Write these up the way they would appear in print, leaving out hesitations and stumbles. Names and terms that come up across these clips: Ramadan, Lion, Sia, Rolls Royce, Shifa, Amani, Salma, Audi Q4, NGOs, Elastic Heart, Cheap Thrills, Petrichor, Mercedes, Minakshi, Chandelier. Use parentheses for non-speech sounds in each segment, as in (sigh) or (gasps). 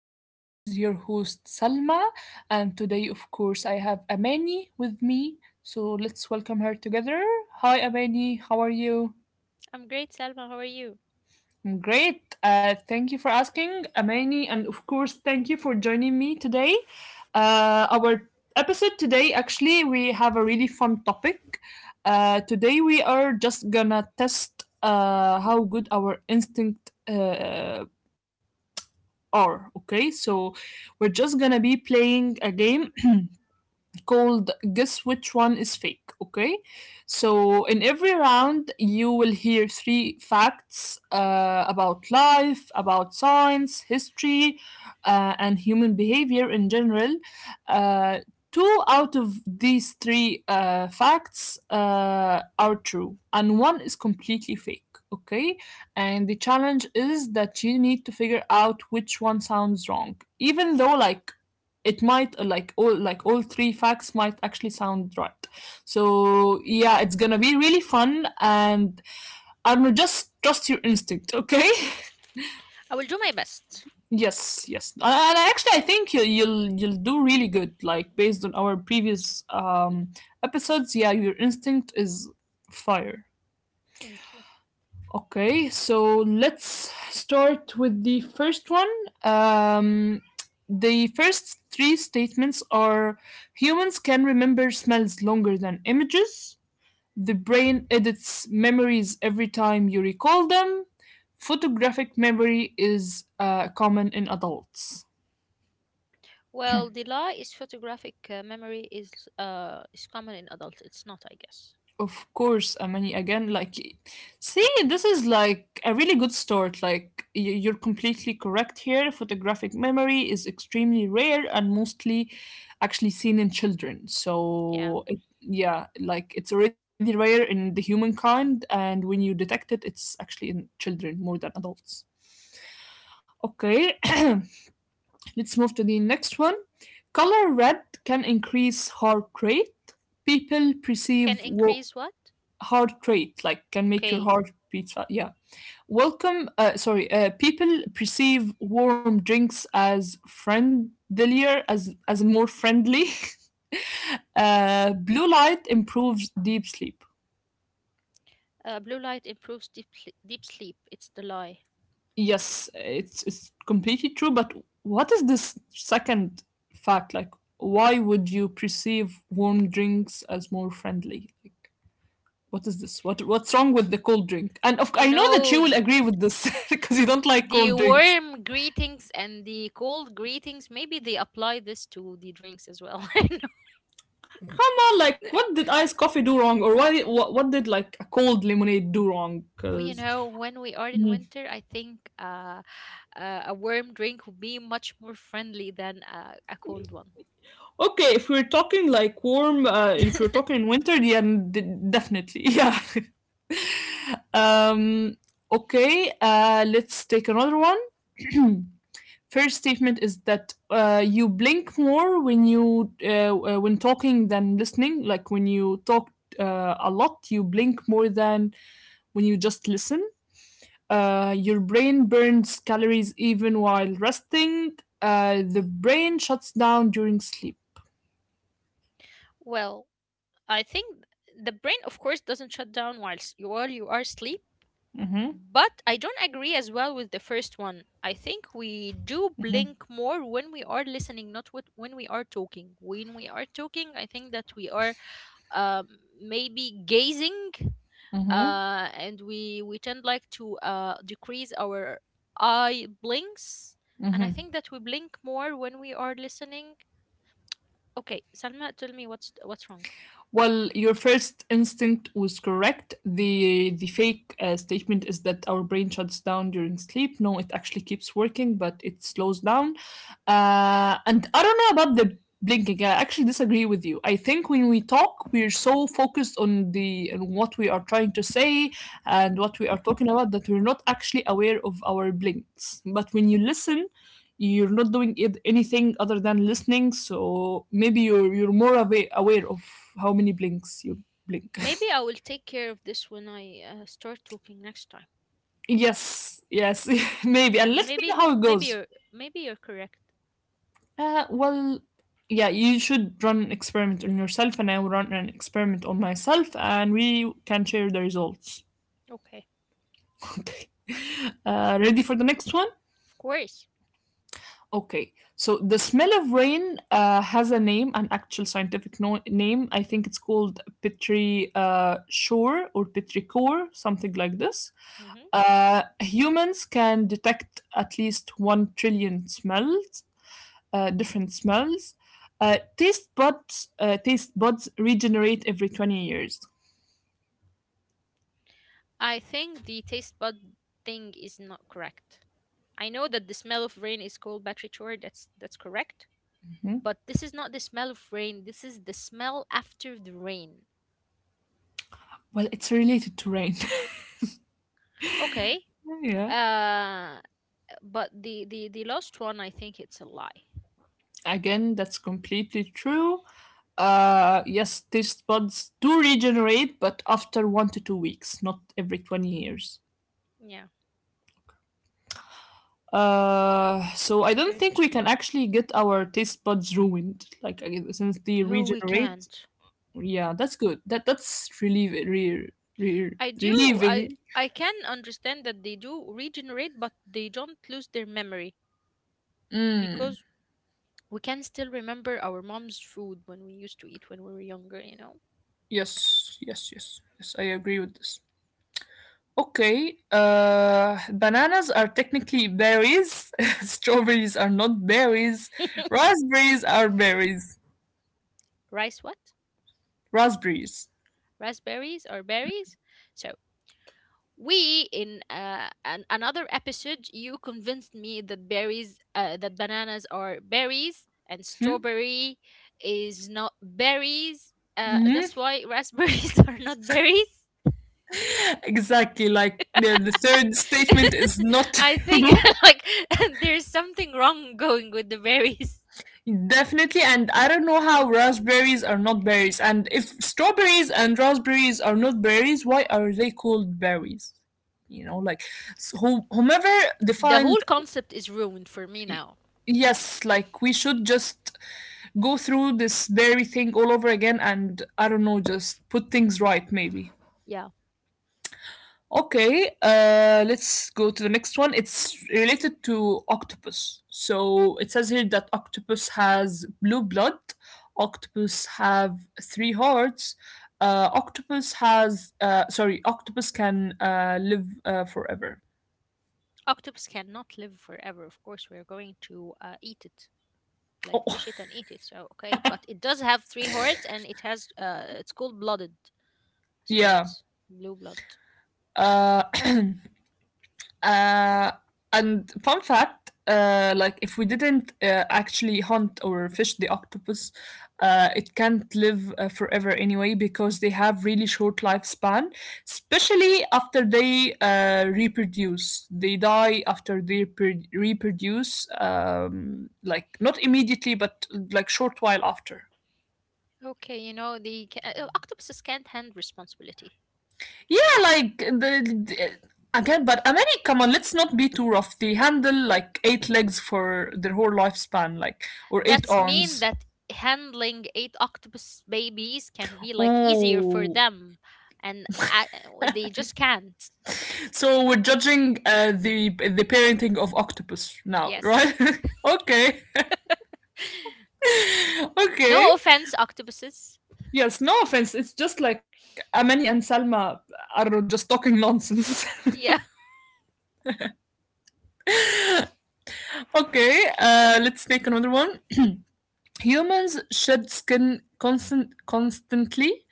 everyone. This is your host Salma, and today, of course, I have Amani with me. So let's welcome her together. Hi, Amani. How are you? I'm great, Salma. How are you? I'm great. Thank you for asking, Amani, and of course, thank you for joining me today. Our episode today, actually, we have a really fun topic. Today, we are just gonna test how good our instinct. Thank Are, okay? you. So we're just gonna be playing a game called Guess Which One Is Fake. Okay, so in every round, you will hear three facts about life, about science, history, and human behavior in general. Uh, Two out of these three facts are true, and one is completely fake. Okay, and the challenge is that you need to figure out which one sounds wrong, even though, like, it might like all three facts might actually sound right. So yeah, it's gonna be really fun, and I don't know, just trust your instinct, okay. I will do my best. (laughs) Yes, yes, and actually I think you'll do really good, like based on our previous episodes. Yeah, your instinct is fire. Thank you. Okay, so let's start with the first one. Um, the first three statements are: humans can remember smells longer than images, the brain edits memories every time you recall them, photographic memory is common in adults. Well, the lie is photographic memory is common in adults. It's not, I guess. Of course, I mean, again, like, see, this is like a really good start. Like, you're completely correct here. Photographic memory is extremely rare and mostly actually seen in children. Yeah. So, it, yeah, like, it's already rare in the humankind, and when you detect it, it's actually in children more than adults. Okay, (clears throat) let's move to the next one. Color red can increase heart rate. People Can perceive war increase what? heart rate, like can make your Okay. heart beat fast. Yeah. Welcome, sorry, people perceive warm drinks as friendlier, as in more friendly. (laughs) Blue light improves deep sleep. Blue light improves deep sleep. It's the lie. Yes, it's completely true, but what is this second fact? Like, why would you perceive warm drinks as more friendly? Like, what is this? What's wrong with the cold drink? And of, You I know that know, you will agree with this (laughs) because you don't like the cold drinks. warm greetings and the cold greetings, maybe they apply this to the drinks as well. (laughs) I know. Like what did iced coffee do wrong, or why what did like a cold lemonade do wrong, Well, you because know, when we are in mm-hmm. winter, I think a warm drink would be much more friendly than a cold one. Okay, if we're talking like warm, if you're talking winter, yeah, definitely, yeah. (laughs) um okay, let's take another one. (clears throat) First statement is that you blink more when you (laughs) when talking than listening, like when you talk a lot you blink more than when you just listen. Your brain burns calories even while resting. The brain shuts down during sleep. Well, I think the brain, of course, doesn't shut down whilst you while you are asleep. Hmm. But I don't agree as well with the first one. I think we do blink more when we are listening, not with, when we are talking. When we are talking, I think that we are um, maybe gazing, Hmm. And we tend like to decrease our eye blinks. And I think that we blink more when we are listening. Okay, Salma, tell me what's wrong. Well, your first instinct was correct. The fake statement is that our brain shuts down during sleep. No, it actually keeps working, but it slows down. And I don't know about the blinking. I actually disagree with you. I think when we talk, we're so focused on the on what we are trying to say and what we are talking about that we're not actually aware of our blinks. But when you listen, you're not doing it, anything other than listening, so maybe you're more aware of how many blinks you blink. Maybe I will take care of this when I start talking next time. (laughs) Yes, yes. (laughs) Maybe, Yeah, and let me know maybe how it goes. Maybe you're correct. Well, yeah, you should run an experiment on yourself and I will run an experiment on myself, and we can share the results. Okay. (laughs) Okay, ready for the next one? Of course. Okay, so the smell of rain has a name, an actual scientific name. I think it's called Petri, Shore, or Petrichor, something like this. Hmm. Humans can detect at least 1 trillion smells, different smells. Taste buds regenerate every 20 years. I think the taste bud thing is not correct. I know that the smell of rain is called batrichor, that's correct. Mhm. But this is not the smell of rain, this is the smell after the rain. Well, it's related to rain. Okay. (laughs) Yeah. Uh, but the last one, I think it's a lie. Again, that's completely true. Yes, taste buds do regenerate, but after 1 to 2 weeks, not every 20 years. Yeah, So I don't good. think we can actually get our taste buds ruined. Like since they No, we regenerate, can't. yeah, that's good. That's relieving, re, I do. Relieving. I can understand that they do regenerate, but they don't lose their memory Mm, because we can still remember our mom's food when we used to eat when we were younger, you know. yes, yes, yes, yes. I agree with this. Okay, bananas are technically berries. (laughs) Strawberries are not berries. (laughs) Raspberries are berries. Rice what? Raspberries. Raspberries or berries? So, another episode you convinced me that berries that bananas are berries and Hmm? strawberry is not berries. Mhm. That's why raspberries (laughs) are not berries. Exactly. Like the third statement is (laughs) not. I think, (laughs) like, (laughs) there's something wrong going with the berries. (laughs) Definitely. And I don't know how raspberries are not berries. And if strawberries and raspberries are not berries, why are they called berries? You know, like who whomever The defined. whole concept is ruined for me y- now. Yes, like we should just go through this berry thing all over again, and I don't know, just put things right maybe. Yeah, Okay, let's go to the next one. It's related to octopus. So it says here that octopus has blue blood, octopus have three hearts, octopus has, octopus can live forever. octopus cannot live forever. Of course, we're going to eat it, like Oh, fish it and eat it. So okay, but it does have three hearts and it has it's cold blooded, so (laughs) yeah. it's blue blood. Uh, (clears throat) Uh, and fun fact, like if we didn't actually hunt or fish the octopus, it can't live forever anyway because they have really short lifespan, especially after they reproduce. They die after they reproduce, like not immediately, but like short while after. Okay, you know, the octopuses can't handle responsibility. Yeah, like again, but I mean, come on, let's not be too rough. They handle like eight legs for their whole lifespan, like or eight That's mean arms. that handling eight octopus babies can be like easier for Ooh, them, and I, they just can't. so we're judging the parenting of octopus now, right? Yes. (laughs) Okay. (laughs) Okay. No offense, octopuses. Yes, no offense. It's just like Amani and Salma. I don't know, just talking nonsense. (laughs) Yeah. Okay, let's take another one. Humans shed skin constantly.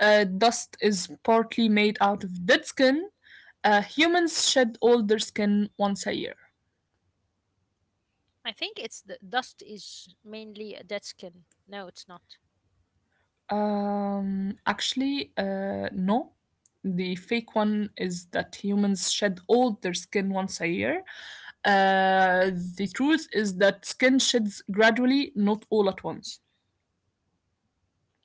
Dust is partly made out of dead skin. Humans shed all their skin once a year. (laughs) I think it's the dust is mainly a dead skin. No, it's not. Actually, no. The fake one is that humans shed all their skin once a year. Uh, the truth is that skin sheds gradually, not all at once.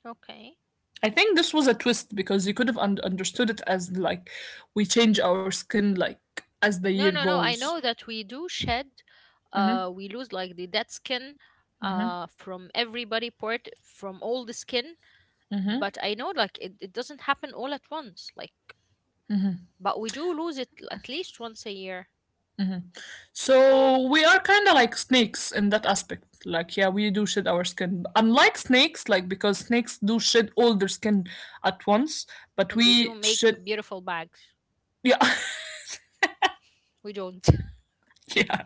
Okay. I think this was a twist because you could have understood it as like we change our skin like as the year No, no, no. I goes. know that we do shed. We lose like the dead skin, uh, from every body part, from all the skin, but I know, like, it doesn't happen all at once, like, but we do lose it at least once a year. So we are kind of like snakes in that aspect. Like yeah, we do shed our skin. Unlike snakes, like because snakes do shed all their skin at once, but And they do we make shed. beautiful bags, Yeah, we don't, (laughs) (laughs) yeah,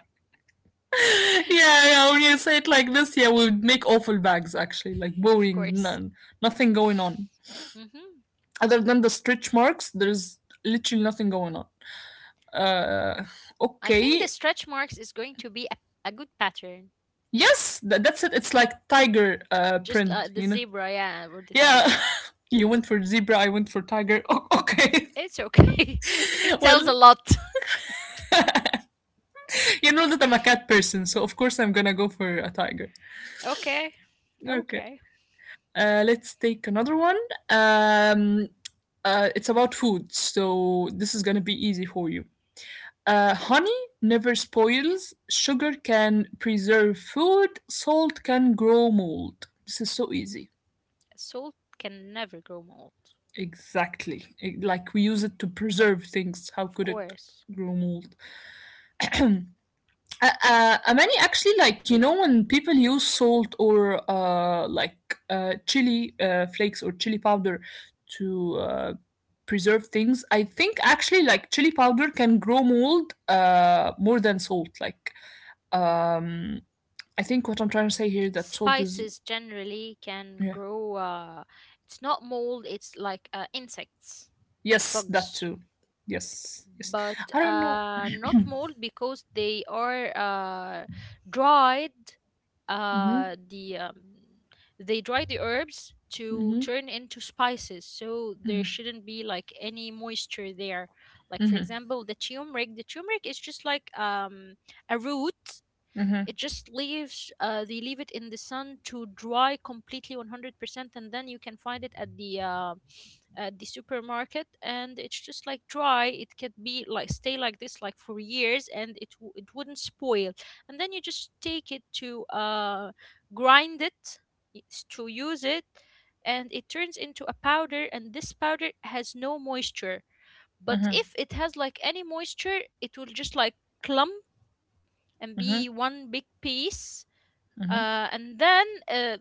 of yeah, yeah. When you say it like this, yeah, we would make awful bags actually, like boring, course. none, nothing going on Hmm. other than the stretch marks. There's literally nothing going on. Uh, I think the okay. stretch marks is going to be a good pattern, Yes, that's it. It's like tiger just print, the you know? zebra, yeah, or the tiger. Yeah. (laughs) You went for zebra, I went for tiger. Okay. It's okay, (laughs) it (laughs) tells a Well, lot. you know that I'm a cat person, so of course I'm gonna go for a tiger. (laughs) okay. Okay. Okay. Let's take another one. Um, it's about food, so this is gonna be easy for you. Honey never spoils, sugar can preserve food, salt can grow mold. This is so easy. Salt can never grow mold, Exactly. Like we use it to preserve things. How of could it course. grow mold? (clears throat) uh, Many actually, like you know when people use salt or like chili flakes or chili powder to preserve things. I think actually like chili powder can grow mold more than salt. Um, I think what I'm trying to say here that salt is Spices generally can yeah, grow, it's not mold, it's like insects, yes, that bugs. too, yes, yes. But I don't know. Not mold because they are dried. Uh, Hmm. the um, they dry the herbs to turn into spices, so there shouldn't be like any moisture there. Like, for example, the turmeric. The turmeric is just like a root. Hmm. It just leaves, they leave it in the sun to dry completely 100%, and then you can find it at the supermarket, and it's just like dry, it can be like stay like this like for years, and it wouldn't spoil. And then you just take it to grind it, it's to use it, and it turns into a powder, and this powder has no moisture. But Mhm, if it has like any moisture, it will just like clump and mhm. be one big piece. And then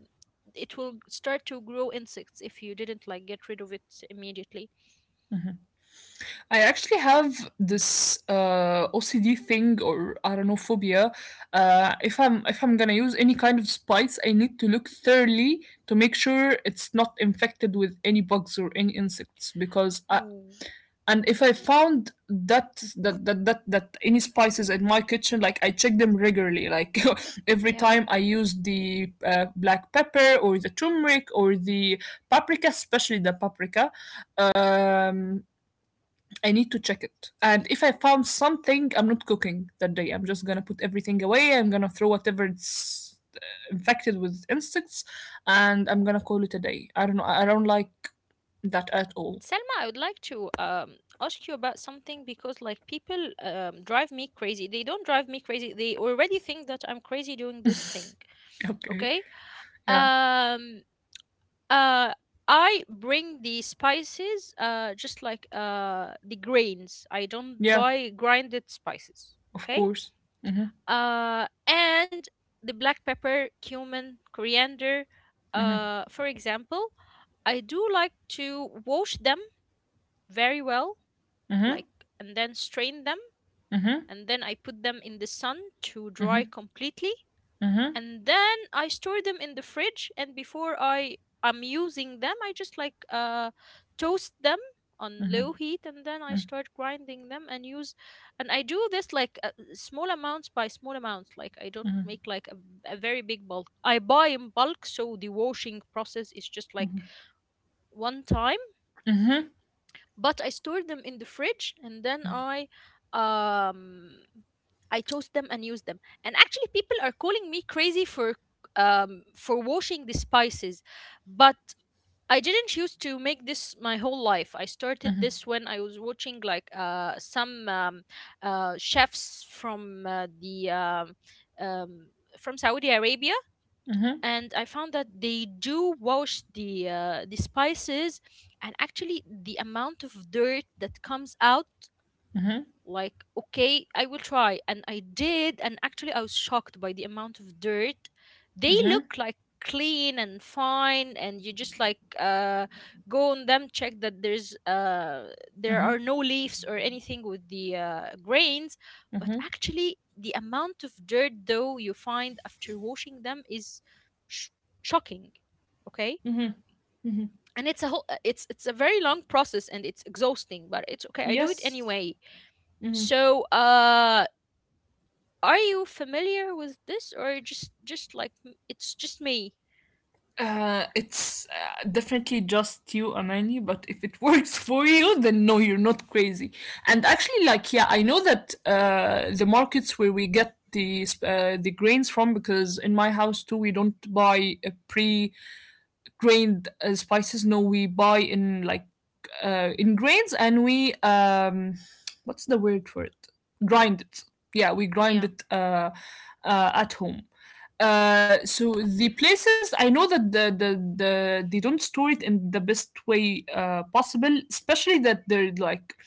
It will start to grow insects if you didn't like get rid of it immediately. I actually have this OCD thing, or I don't know, phobia. If I'm gonna use any kind of spice, I need to look thoroughly to make sure it's not infected with any bugs or any insects. Because I, Ooh, and if I found that any spices in my kitchen, like I check them regularly. Like (laughs) every yeah. time I use the black pepper or the turmeric or the paprika, especially the paprika. Um, I need to check it. And if I found something, I'm not cooking that day. I'm just gonna put everything away. I'm gonna throw whatever it's infected with insects, and I'm gonna call it a day. I don't know. I don't like that at all. (laughs) Selma, I would like to ask you about something because, like, people drive me crazy. They don't drive me crazy. They already think that I'm crazy doing this thing. Okay. Okay. Yeah. Um, uh I bring the spices just like the grains. I don't Yeah. buy grinded spices, Of okay? course. Uh, and the black pepper, cumin, coriander, uh, for example, I do like to wash them very well, Mhm. like, and then strain them, Mhm. and then I put them in the sun to dry completely, Mhm. and then I store them in the fridge. And before I I'm using them, I just like toast them on low heat, and then I start grinding them and use. And I do this like small amounts by small amounts. Like, I don't make like a very big bulk. I buy in bulk, so the washing process is just like one time, but I stored them in the fridge, and then um I toast them and use them. And actually, people are calling me crazy for washing the spices, but I didn't choose to make this my whole life. I started this when I was watching like some chefs from the um from Saudi Arabia, Mhm. and I found that they do wash the spices. And actually, the amount of dirt that comes out, like, okay, I will try, and I did, and actually I was shocked by the amount of dirt. They look like clean and fine, and you just like go on them, check that there are no leaves or anything with the grains. But actually, the amount of dirt though you find after washing them is sh- shocking. Okay. And it's a whole it's a very long process and it's exhausting, but it's okay, I do it Yes. anyway. So uh, are you familiar with this, or just like, it's just me? It's definitely just you, Amani. But if it works (laughs) for you, then no, you're not crazy. And actually, like, yeah, I know that the markets where we get the grains from, because in my house too, we don't buy a pre grained spices. No, we buy in like in grains, and we what's the word for it? Grind it. Yeah, we grind Yeah. it at home. So the places I know that the they don't store it in the best way possible, especially that they're like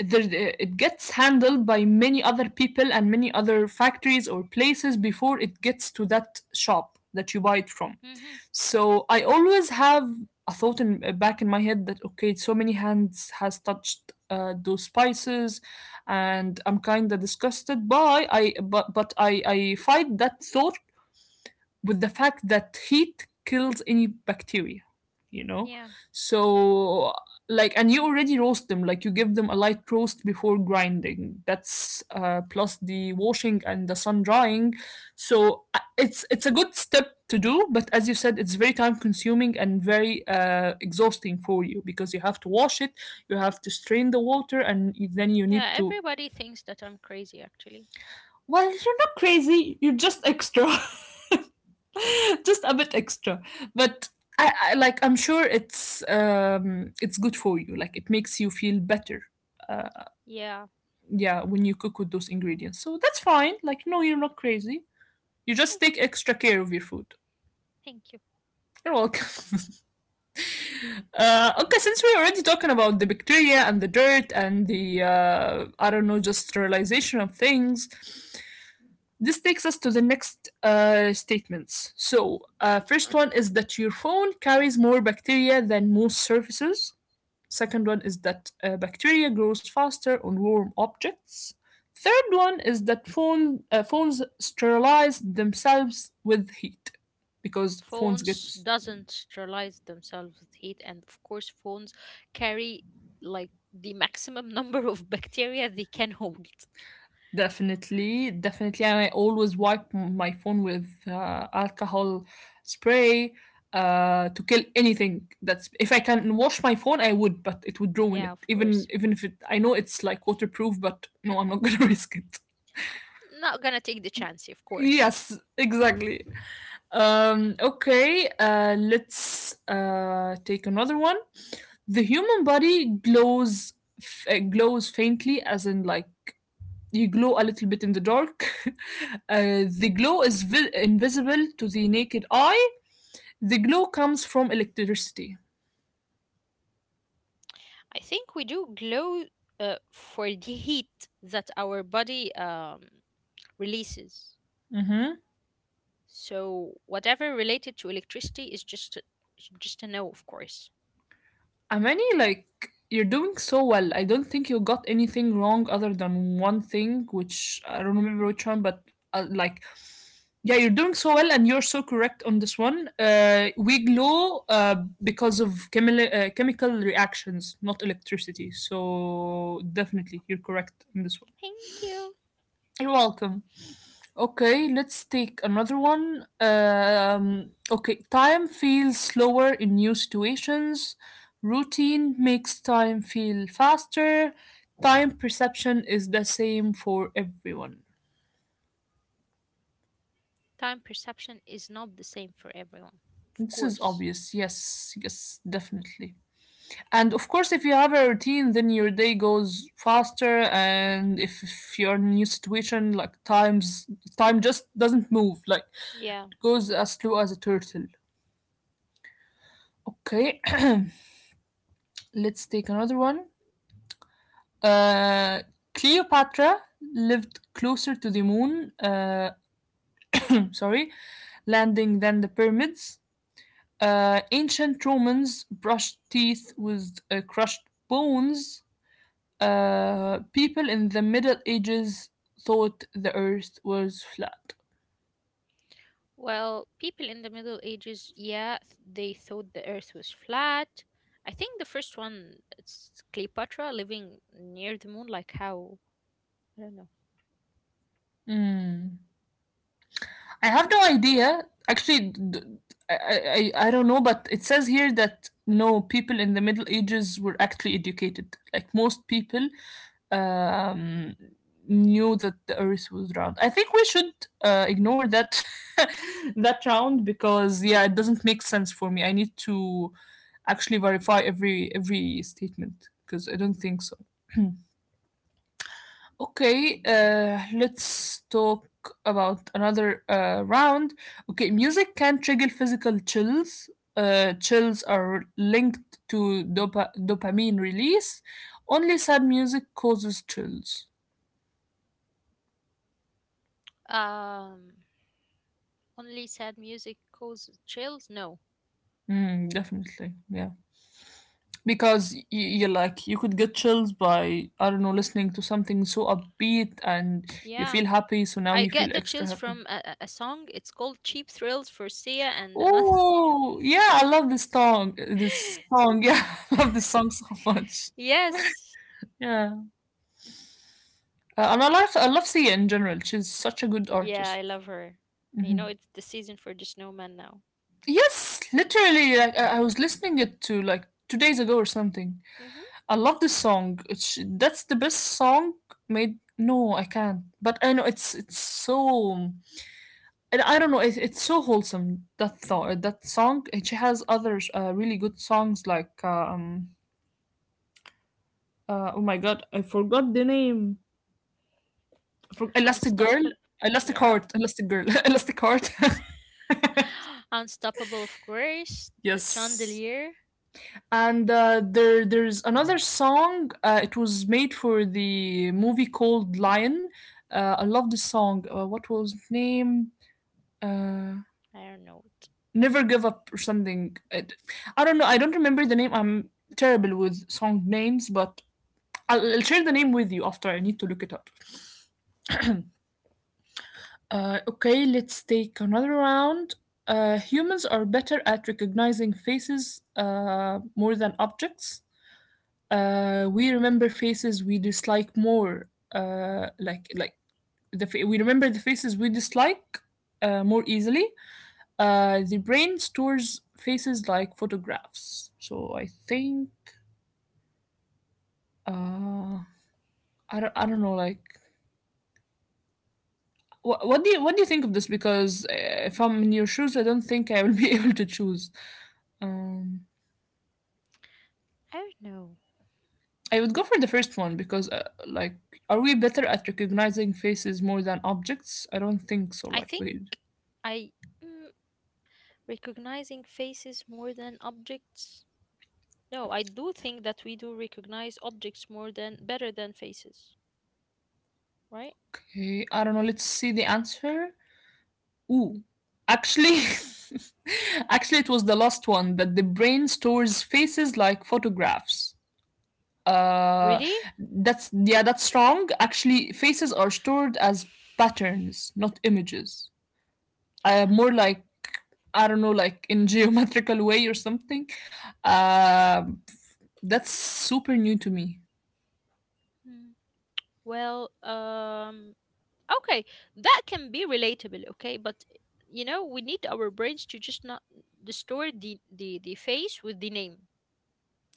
there, it gets handled by many other people and many other factories or places before it gets to that shop that you buy it from. Mm-hmm. So I always have a thought in back in my head that okay, so many hands has touched those spices, and I'm kind of disgusted by I but I fight that thought with the fact that heat kills any bacteria, you know? Yeah. So, like, and you already roast them, like, you give them a light roast before grinding. That's plus the washing and the sun drying. So, it's a good step to do, but as you said, it's very time consuming and very exhausting for you because you have to wash it, you have to strain the water, and then you need Yeah. to. Everybody thinks that I'm crazy, actually. Well, you're not crazy, you're just extra. (laughs) (laughs) Just a bit extra. But I like I'm sure it's good for you. Like it makes you feel better. Uh, Yeah. yeah, when you cook with those ingredients. So that's fine. Like no, you're not crazy. You just take Okay. extra care of your food. Thank you. You're welcome. (laughs) Okay, since we're already talking about the bacteria and the dirt and the I don't know, just sterilization of things, this takes us to the next statements. So, first one is that your phone carries more bacteria than most surfaces. Second one is that bacteria grows faster on warm objects. Third one is that phones sterilize themselves with heat because phones get Phones doesn't sterilize themselves with heat, and of course phones carry like the maximum (laughs) number of bacteria they can hold. definitely, definitely, and I always wipe my phone with alcohol spray to kill anything. That's if I can wash my phone, I would, but it would ruin Yeah, it. of course. Even if it, I know it's like waterproof, but no, I'm not (laughs) gonna risk it. Uh, not gonna take the chance, of course. Yes, exactly. Okay, let's take another one. The human body glows faintly, as in like you glow a little bit in the dark. (laughs) The glow is invisible to the naked eye. The glow comes from electricity. I think we do glow, for the heat that our body releases, Mm-hmm. so whatever related to electricity is just is just a no, of course. Amani, like, you're doing so well. I don't think you got anything wrong other than one thing, which I don't remember which one, but like, yeah, you're doing so well and you're so correct on this one. We glow because of chemical reactions, not electricity. So, definitely, you're correct on this one. Thank you. You're welcome. Okay, let's take another one. Okay, time feels slower in new situations. Routine makes time feel faster. Time perception is the same for everyone. Time perception is not the same for everyone, of This is course. obvious. Yes, yes, definitely. And of course, if you have a routine, then your day goes faster. And if you're in a new situation, like times, time just doesn't move. Like Yeah. it goes as slow as a turtle. Okay, (clears throat) let's take another one. Uh, Cleopatra lived closer to the moon, sorry, landing than the pyramids. Ancient Romans brushed teeth with crushed bones. People in the Middle Ages thought the earth was flat. Well, people in the Middle Ages, yeah, they thought the earth was flat. I think the first one, it's Cleopatra living near the moon, like how, I don't know. Mm. I have no idea. Actually, I don't know, but it says here that no, people in the Middle Ages were actually educated. Like most people um, knew that the earth was round. I think we should ignore that (laughs) that round because yeah, it doesn't make sense for me. I need to actually verify every statement because I don't think so. Okay, let's talk about another round. Okay, music can trigger physical chills. Chills are linked to dopamine release. Only sad music causes chills. Um, only sad music causes chills? No. Mm, definitely, yeah. Because you like you could get chills by I don't know listening to something so upbeat and you feel Yeah. happy, so now you I feel get the extra chills happy. from a song. It's called Cheap Thrills for Sia and another. Oh, yeah, I love this song. This (laughs) song, yeah, (laughs) I love this song so much. yes. Yeah, and I love Sia in general. She's such a good Yeah, artist. I love her. You Hmm. know, it's the season for the snowman now. Yes, literally, like I was listening it to like 2 days ago or something. Mm-hmm. I love this song. It's, that's the best song made. No, I can't. But I know it's so. And I don't know. It, it's so wholesome. That Yeah. thought, that song. And she has other really good songs like oh my god, I forgot the name. Elastic Girl, Unstoppable. Elastic Yeah. Heart, Elastic Girl, (laughs) Elastic Heart. (gasps) (laughs) Unstoppable, of course. (laughs) The yes. Chandelier. And there's another song. It was made for the movie called Lion. I love this song. What was its name? Uh, I don't know. Never Give Up or something. It, I don't know. I don't remember the name. I'm terrible with song names, but I'll share the name with you after. I need to look it up. Okay, let's take another round. Humans are better at recognizing faces more than objects. We remember faces we dislike more, the we remember the faces we dislike more easily. The brain stores faces like photographs. So I think uh, I don't know like. What do you think of this? Because if I'm in your shoes, I don't think I will (laughs) be able to choose. Um, I don't know. I would go for the first one because, like, are we better at recognizing faces more than objects? I don't think so. I Like, think we. I Mm, recognizing faces more than objects. No, I do think that we do recognize objects more than better than faces, right? Okay, I don't know. Let's see the answer. Ooh, actually, (laughs) actually, it was the last one that the brain stores faces like photographs. Uh, Really? that's yeah, that's wrong. Actually, faces are stored as patterns, not images. More like I don't know, like in (laughs) geometrical way or something. Um that's super new to me. Hmm. Well, okay, that can be relatable, okay, but you know, we need our brains to just not distort the face with the name.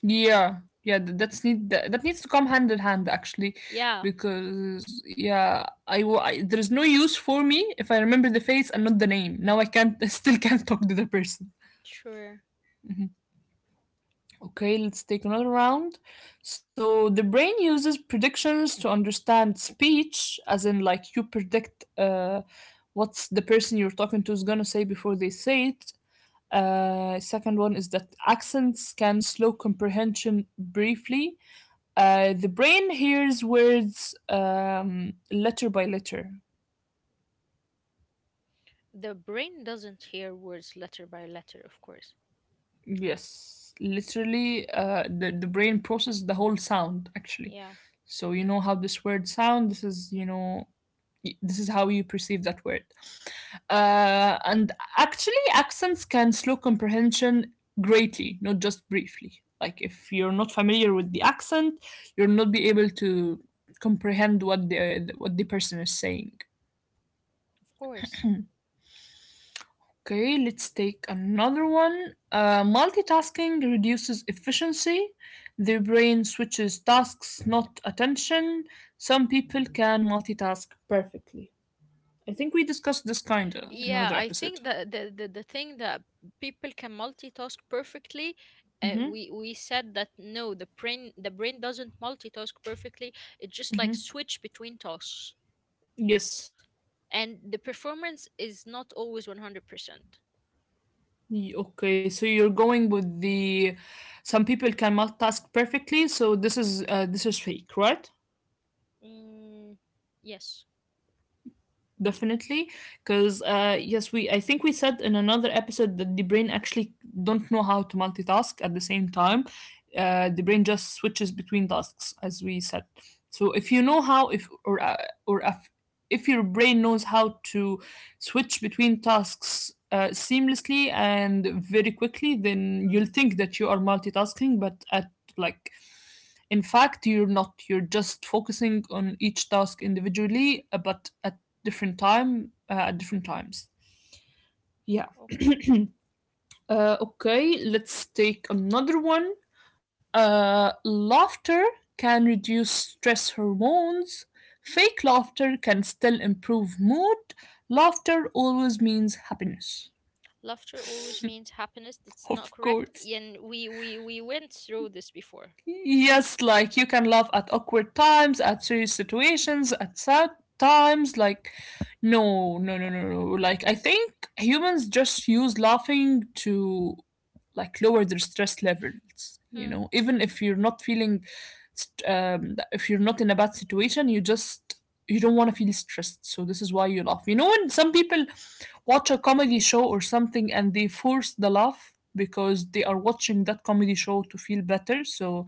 Yeah, yeah, that's need that needs to come hand in hand actually, Yeah, because yeah, I there's no use for me if I remember the face and not the name. Now I can't, (laughs) I still can't talk to the person. sure. Okay, let's take another round. So the brain uses predictions to understand speech, as in like you predict what's the person you're talking to is gonna say before they say it. Second one is that accents can slow comprehension briefly. The brain hears words letter by letter. The brain doesn't hear words letter by letter, of course. Yes, literally, the brain processes the whole sound actually. Yeah, So you know how this word sound. This is you know this is how you perceive that word. And actually, accents can slow comprehension greatly, not just briefly. Like if you're not familiar with the accent, you'll not be able to comprehend what the person is saying. of course. Okay, let's take another one. Multitasking reduces efficiency. Their brain switches tasks, not attention. Some people can multitask perfectly. I think we discussed this kinda in Yeah, another I episode. think that the thing that people can multitask perfectly, Mm-hmm. We said that no, the brain doesn't multitask perfectly. It just like switch between tasks, Yes. and the performance is not always 100%. Okay, so you're going with the some people can multitask perfectly, so this is fake, right? Mm, yes. Definitely, because yes, we, I think we said in another episode that the brain actually don't know how to multitask at the same time. The brain just switches between tasks, as we said. So if you know how if or or if your brain knows how to switch between tasks seamlessly and very quickly, then you'll think that you are multitasking, but at like in fact, you're not. You're just focusing on each task individually, but at different times. Yeah. Okay. Let's take another one. Laughter can reduce stress hormones. Fake laughter can still improve mood. Laughter always means happiness. Laughter always means happiness. That's (laughs) not Of correct. course. And we went through this before. Yes, like you can laugh at awkward times, at serious situations, at sad times. Like, no, no, no, no, no. Like, I think humans just use laughing to like lower their stress levels. You Hmm. know, even if you're not feeling, if you're not in a bad situation, you just you don't want to feel stressed. So this is why you laugh. You know, when some people watch a comedy show or something and they force the laugh because they are watching that comedy show to feel better. So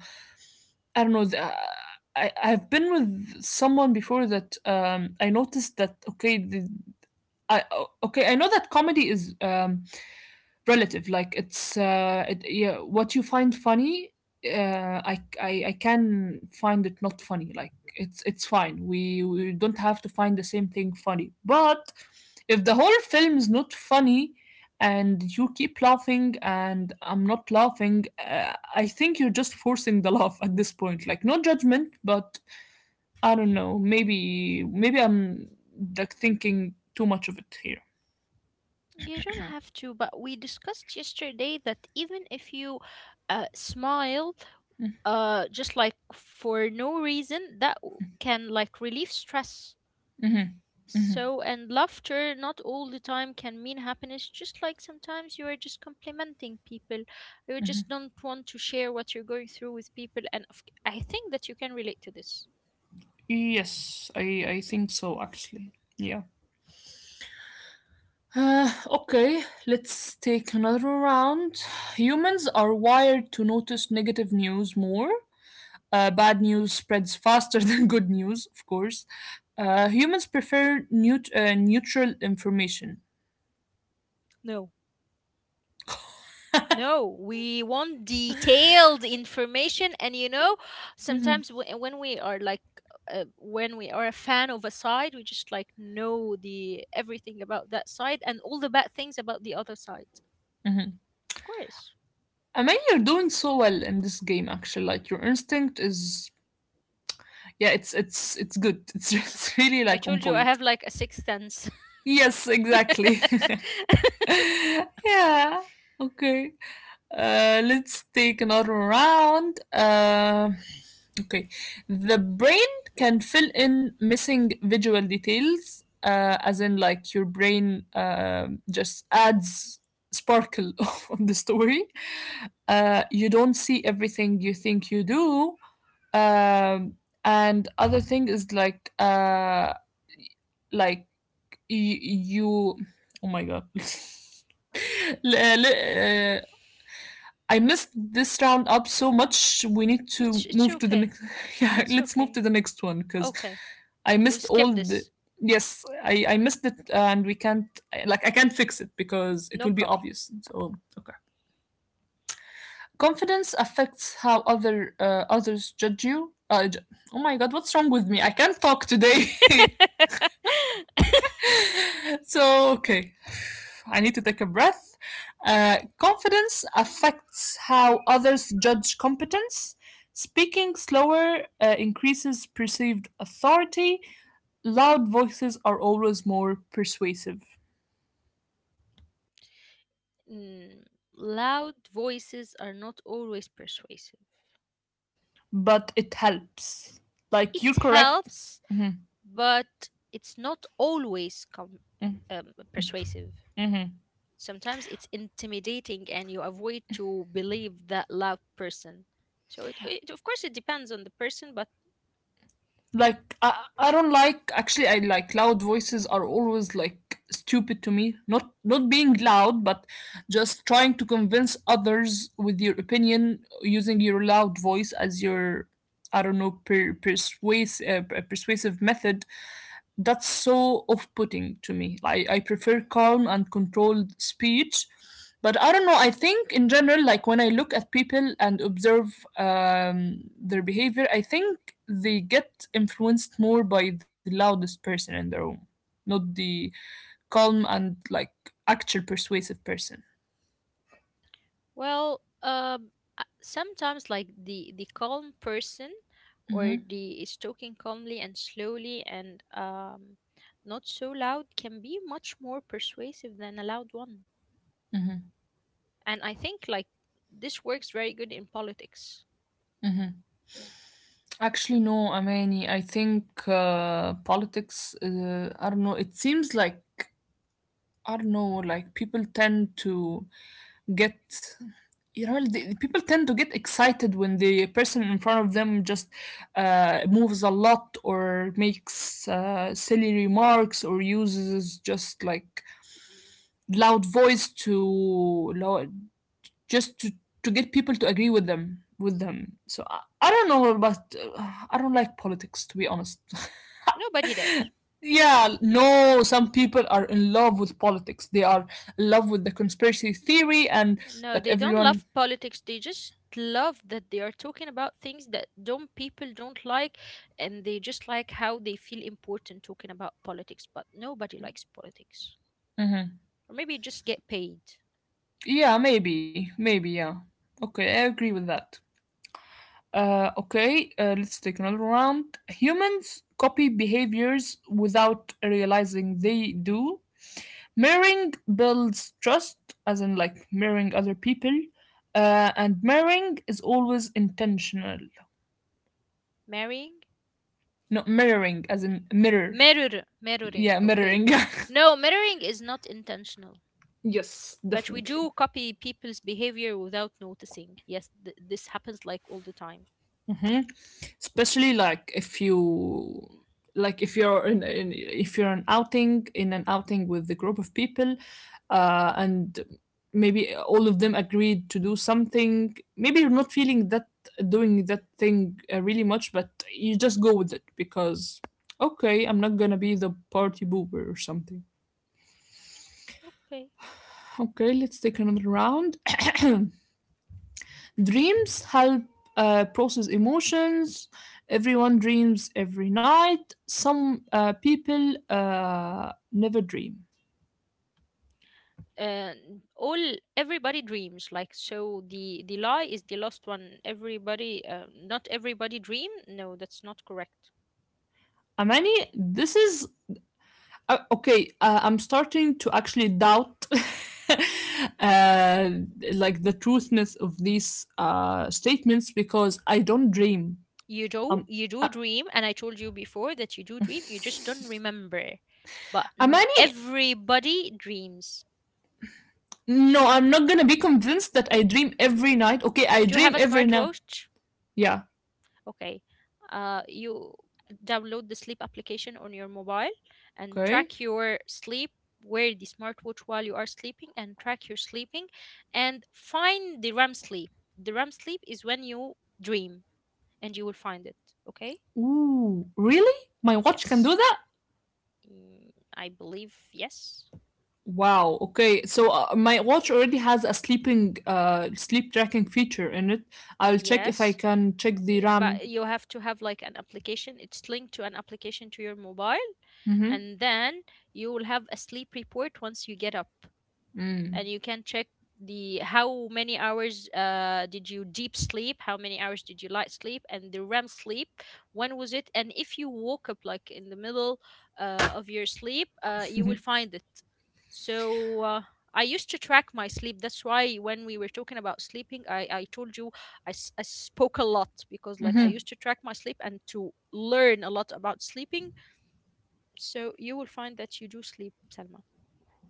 I don't know. I I've been with someone before that I noticed that okay, the, okay, I know that comedy is relative. Like it's yeah, what you find funny, uh, I can find it not funny. Like it's fine. We don't have to find the same thing funny. But if the whole film is not funny and you keep laughing and I'm not laughing, I think you're just forcing the (laughs) laugh at this point. Like no judgment, but I don't know. Maybe I'm like thinking too much of it here. You don't have to, but we discussed yesterday that even if you smile, just like for no reason, that can like relieve stress. So, and laughter not all the time can mean happiness, just like sometimes you are just complimenting people. You just don't want to share what you're going through with people. And I think that you can relate to this. Yes, I think so actually. Yeah. Okay, let's take another round. Humans are wired to notice negative news more. Bad news spreads faster (laughs) than good news, of course. Humans prefer neutral information. No. No, we want detailed information. And you know, Mm-hmm, sometimes when we are like, when we are a fan of a side, we just like know the everything about that side and all the bad things about the other side. mm-hmm. Of course. I mean, you're doing so well in this game. Actually, like your instinct is, yeah, it's good. (laughs) It's really I like on told you I point. have like a sixth sense. Yes, exactly. (laughs) yeah. Okay. Let's take another round. Okay. The brain can fill in missing visual details, as in, like, your brain just adds sparkle (laughs) on the story. You don't see everything you think you do. Um, and other thing is, like you. Oh my god. (laughs) L- l- uh, I missed this round up so much. We need to It's move to the okay. next. (laughs) Yeah, It's let's move okay. to the next one because Okay. I We'll missed all skip the. this. Yes, I missed it, and we can't like I can't fix it because it No will be problem. obvious. So okay, confidence affects how others judge you. Oh my god, what's wrong with me? I can't talk today. (laughs) (laughs) So, okay, I need to take a breath. Confidence affects how others judge competence. Speaking slower increases perceived authority. Loud voices are always more persuasive, Mm, loud voices are not always persuasive. but it helps. Like, It you're correct. helps, Mm-hmm, but it's not always persuasive. mm-hmm. Sometimes it's intimidating and you avoid to believe that loud person. So it of course it depends on the person, but… Like I don't like actually I like loud voices are always like stupid to me. Not being loud, but just trying to convince others with your opinion using your loud voice as your I don't know persuasive method that's so off putting to me. I prefer calm and controlled speech. But I don't know, I think in general, like when I look at people and observe their behavior, I think they get influenced more by the loudest person in the room, not the calm and like actual persuasive person. Well, um, sometimes like the calm person or Mm-hmm, the is talking calmly and slowly and not so loud can be much more persuasive than a loud one. And I think like this works very good in politics. mm-hmm. Actually, no, Amani. I think politics. I don't know. It seems like I don't know. Like people tend to get you know the, people tend to get excited when the person in front of them just moves a lot or makes silly remarks or uses just like loud voice just to get people to agree with them so I don't know but I don't like politics to be honest. (laughs) Nobody does. Yeah, no, some people are in love with politics, they are in love with the conspiracy theory and No, that they don't everyone. love politics. They just love that they are talking about things that don't people don't like, and they just like how they feel important talking about politics. But nobody likes politics. Mm-hmm. Or maybe just get paid. Yeah, maybe, maybe, yeah. Okay, I agree with that. Okay, let's take another round. Humans copy behaviors without realizing they do. Mirroring builds trust, as in like mirroring other people, and mirroring is always intentional. Marrying? Not mirroring, as in mirror. Mirror, mirroring, Yeah, okay. mirroring. (laughs) No, mirroring is not intentional, Yes, but we definitely. do copy people's behavior without noticing. Yes, this happens like all the time. Hmm. Especially like if you like if you're in if you're an outing in an outing with a group of people, and maybe all of them agreed to do something. Maybe you're not feeling that doing that thing really much, but you just go with it because okay, I'm not gonna be the party boober or something. Okay. Okay, let's take another round. (clears throat) Dreams help process emotions. Everyone dreams every night. Some people never dream. And all everybody dreams like so the lie is the last one everybody not everybody dream, no, that's not correct. Amani, this is okay. I'm starting to actually doubt. (laughs) Uh, like the truthness of these statements because I don't dream. You do, Um, you do uh, dream, and I told you before that you do dream, you just don't remember, but Amani, everybody dreams. no, I'm not gonna be convinced that I dream every night. Okay, I Do you dream have a every now. smartwatch? Yeah, Okay. You download the sleep application on your mobile and okay. track your sleep. Wear the smartwatch while you are sleeping and track your sleeping and find the REM sleep. The REM sleep is when you dream, and you will find it. Okay? Ooh, really? My watch can Yes. do that? Mm, I believe yes. Wow. Okay. So my watch already has a sleep tracking feature in it. I'll check if I Yes. can check the RAM. But you have to have like an application, it's linked to an application to your mobile, and then you will have a sleep report once you get up, and you can check the how many hours did you deep sleep, how many hours did you light sleep, and the REM sleep, when was it, and if you woke up like in the middle of your sleep, you will find it. So I used to track my sleep, that's why when we were talking about sleeping, I told you I, I spoke a lot because like I used to track my sleep and to learn a lot about sleeping, so you will find that you do sleep, Salma.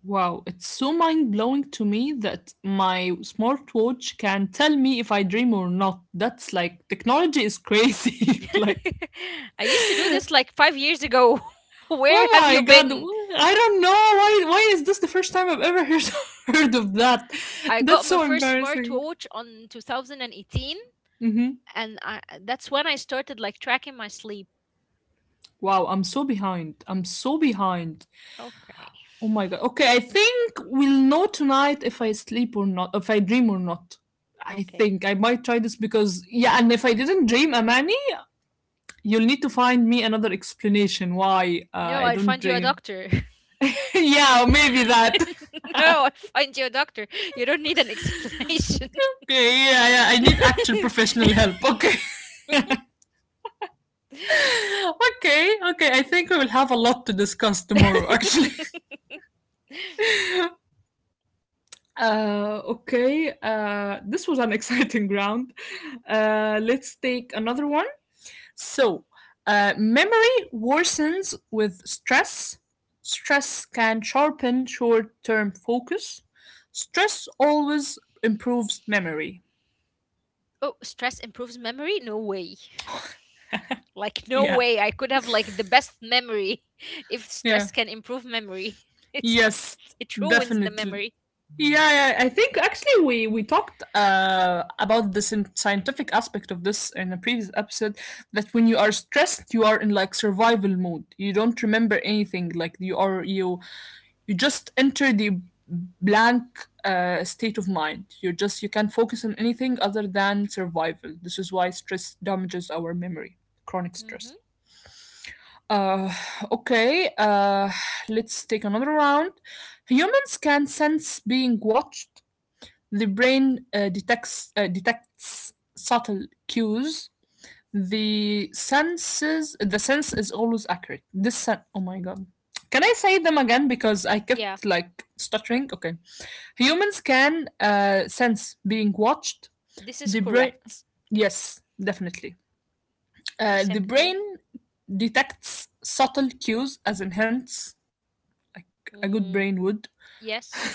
Wow, it's so mind-blowing to me that my smartwatch can tell me if I dream or not. That's like technology is crazy. (laughs) Like, (laughs) I used to do this like five years ago. (laughs) Where oh have my you God, been? I don't know why is this the first time I've ever heard (laughs) heard of that? I got That's my so first embarrassing. smartwatch on 2018, Mm-hmm. and I, that's when I started like tracking my sleep. Wow, I'm so behind. I'm so behind. Okay, Oh my god. Okay, I think we'll know tonight if I sleep or not, if I dream or not. I okay. think I might try this because yeah, and if I didn't dream Amani, you'll need to find me another explanation why No, I I'll don't find you a dream. doctor. (laughs) Yeah, maybe that. (laughs) (laughs) No, I'll find you a doctor. You don't need an explanation. Okay, yeah, yeah. I need actual professional (laughs) help. Okay, (laughs) okay, okay. I think we will have a lot to discuss tomorrow. Actually. (laughs) Okay, this was an (laughs) exciting round. Let's take another one. So, memory worsens with stress. Stress can sharpen short term focus. Stress always improves memory. Oh, stress improves memory? No way. Like no Yeah, way I could have like the best memory (laughs) if yeah. stress can improve memory. (laughs) It's not. Yes, It ruins the definitely. memory. Yeah, yeah, I think actually we talked about the scientific aspect of this in a previous episode. That when you are stressed, you are in like survival mode. You don't remember anything. Like you are you you just enter the blank state of mind. You just you can't focus on anything other than survival. This is why stress damages our memory. Chronic Hmm. stress. Uh, okay, uh, let's take another round. Humans can sense being watched, the brain detects subtle cues. The sense is always accurate. Oh my god. Can I say them again because I Yeah, kept like stuttering? Okay. Humans can sense being watched. this is The brain correct. yes, definitely. The The second one. brain detects subtle cues as in hints, like a good Mm, brain would. yes.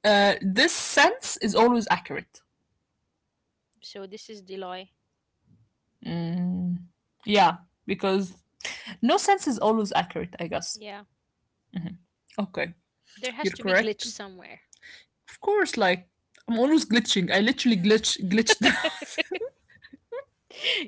This sense is always accurate. So this is the lie. Mm, yeah, because no sense is always accurate, I guess. Yeah. Okay, There has you're to be glitch correct. somewhere. Of course, like I'm always glitching. I literally glitched. (laughs)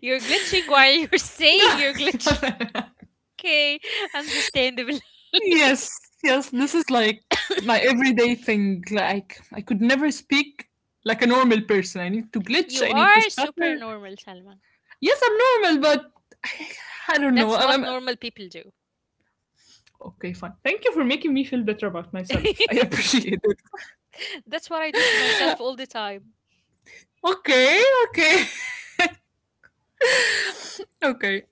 You're glitching while you're (laughs) saying you're glitching. (laughs) Okay, understandable. (laughs) Yes, yes. This is like my everyday thing. Like I could never speak like a normal person. I need to glitch. You I need to are stutter. super normal, Salma. Yes, I'm normal, but I, I don't know. That's I'm, what I'm normal people do. (laughs) okay. Fine. Thank you for making me feel better about myself. I appreciate That's what I do to it. myself all the time. (laughs) Okay, okay, (laughs) okay.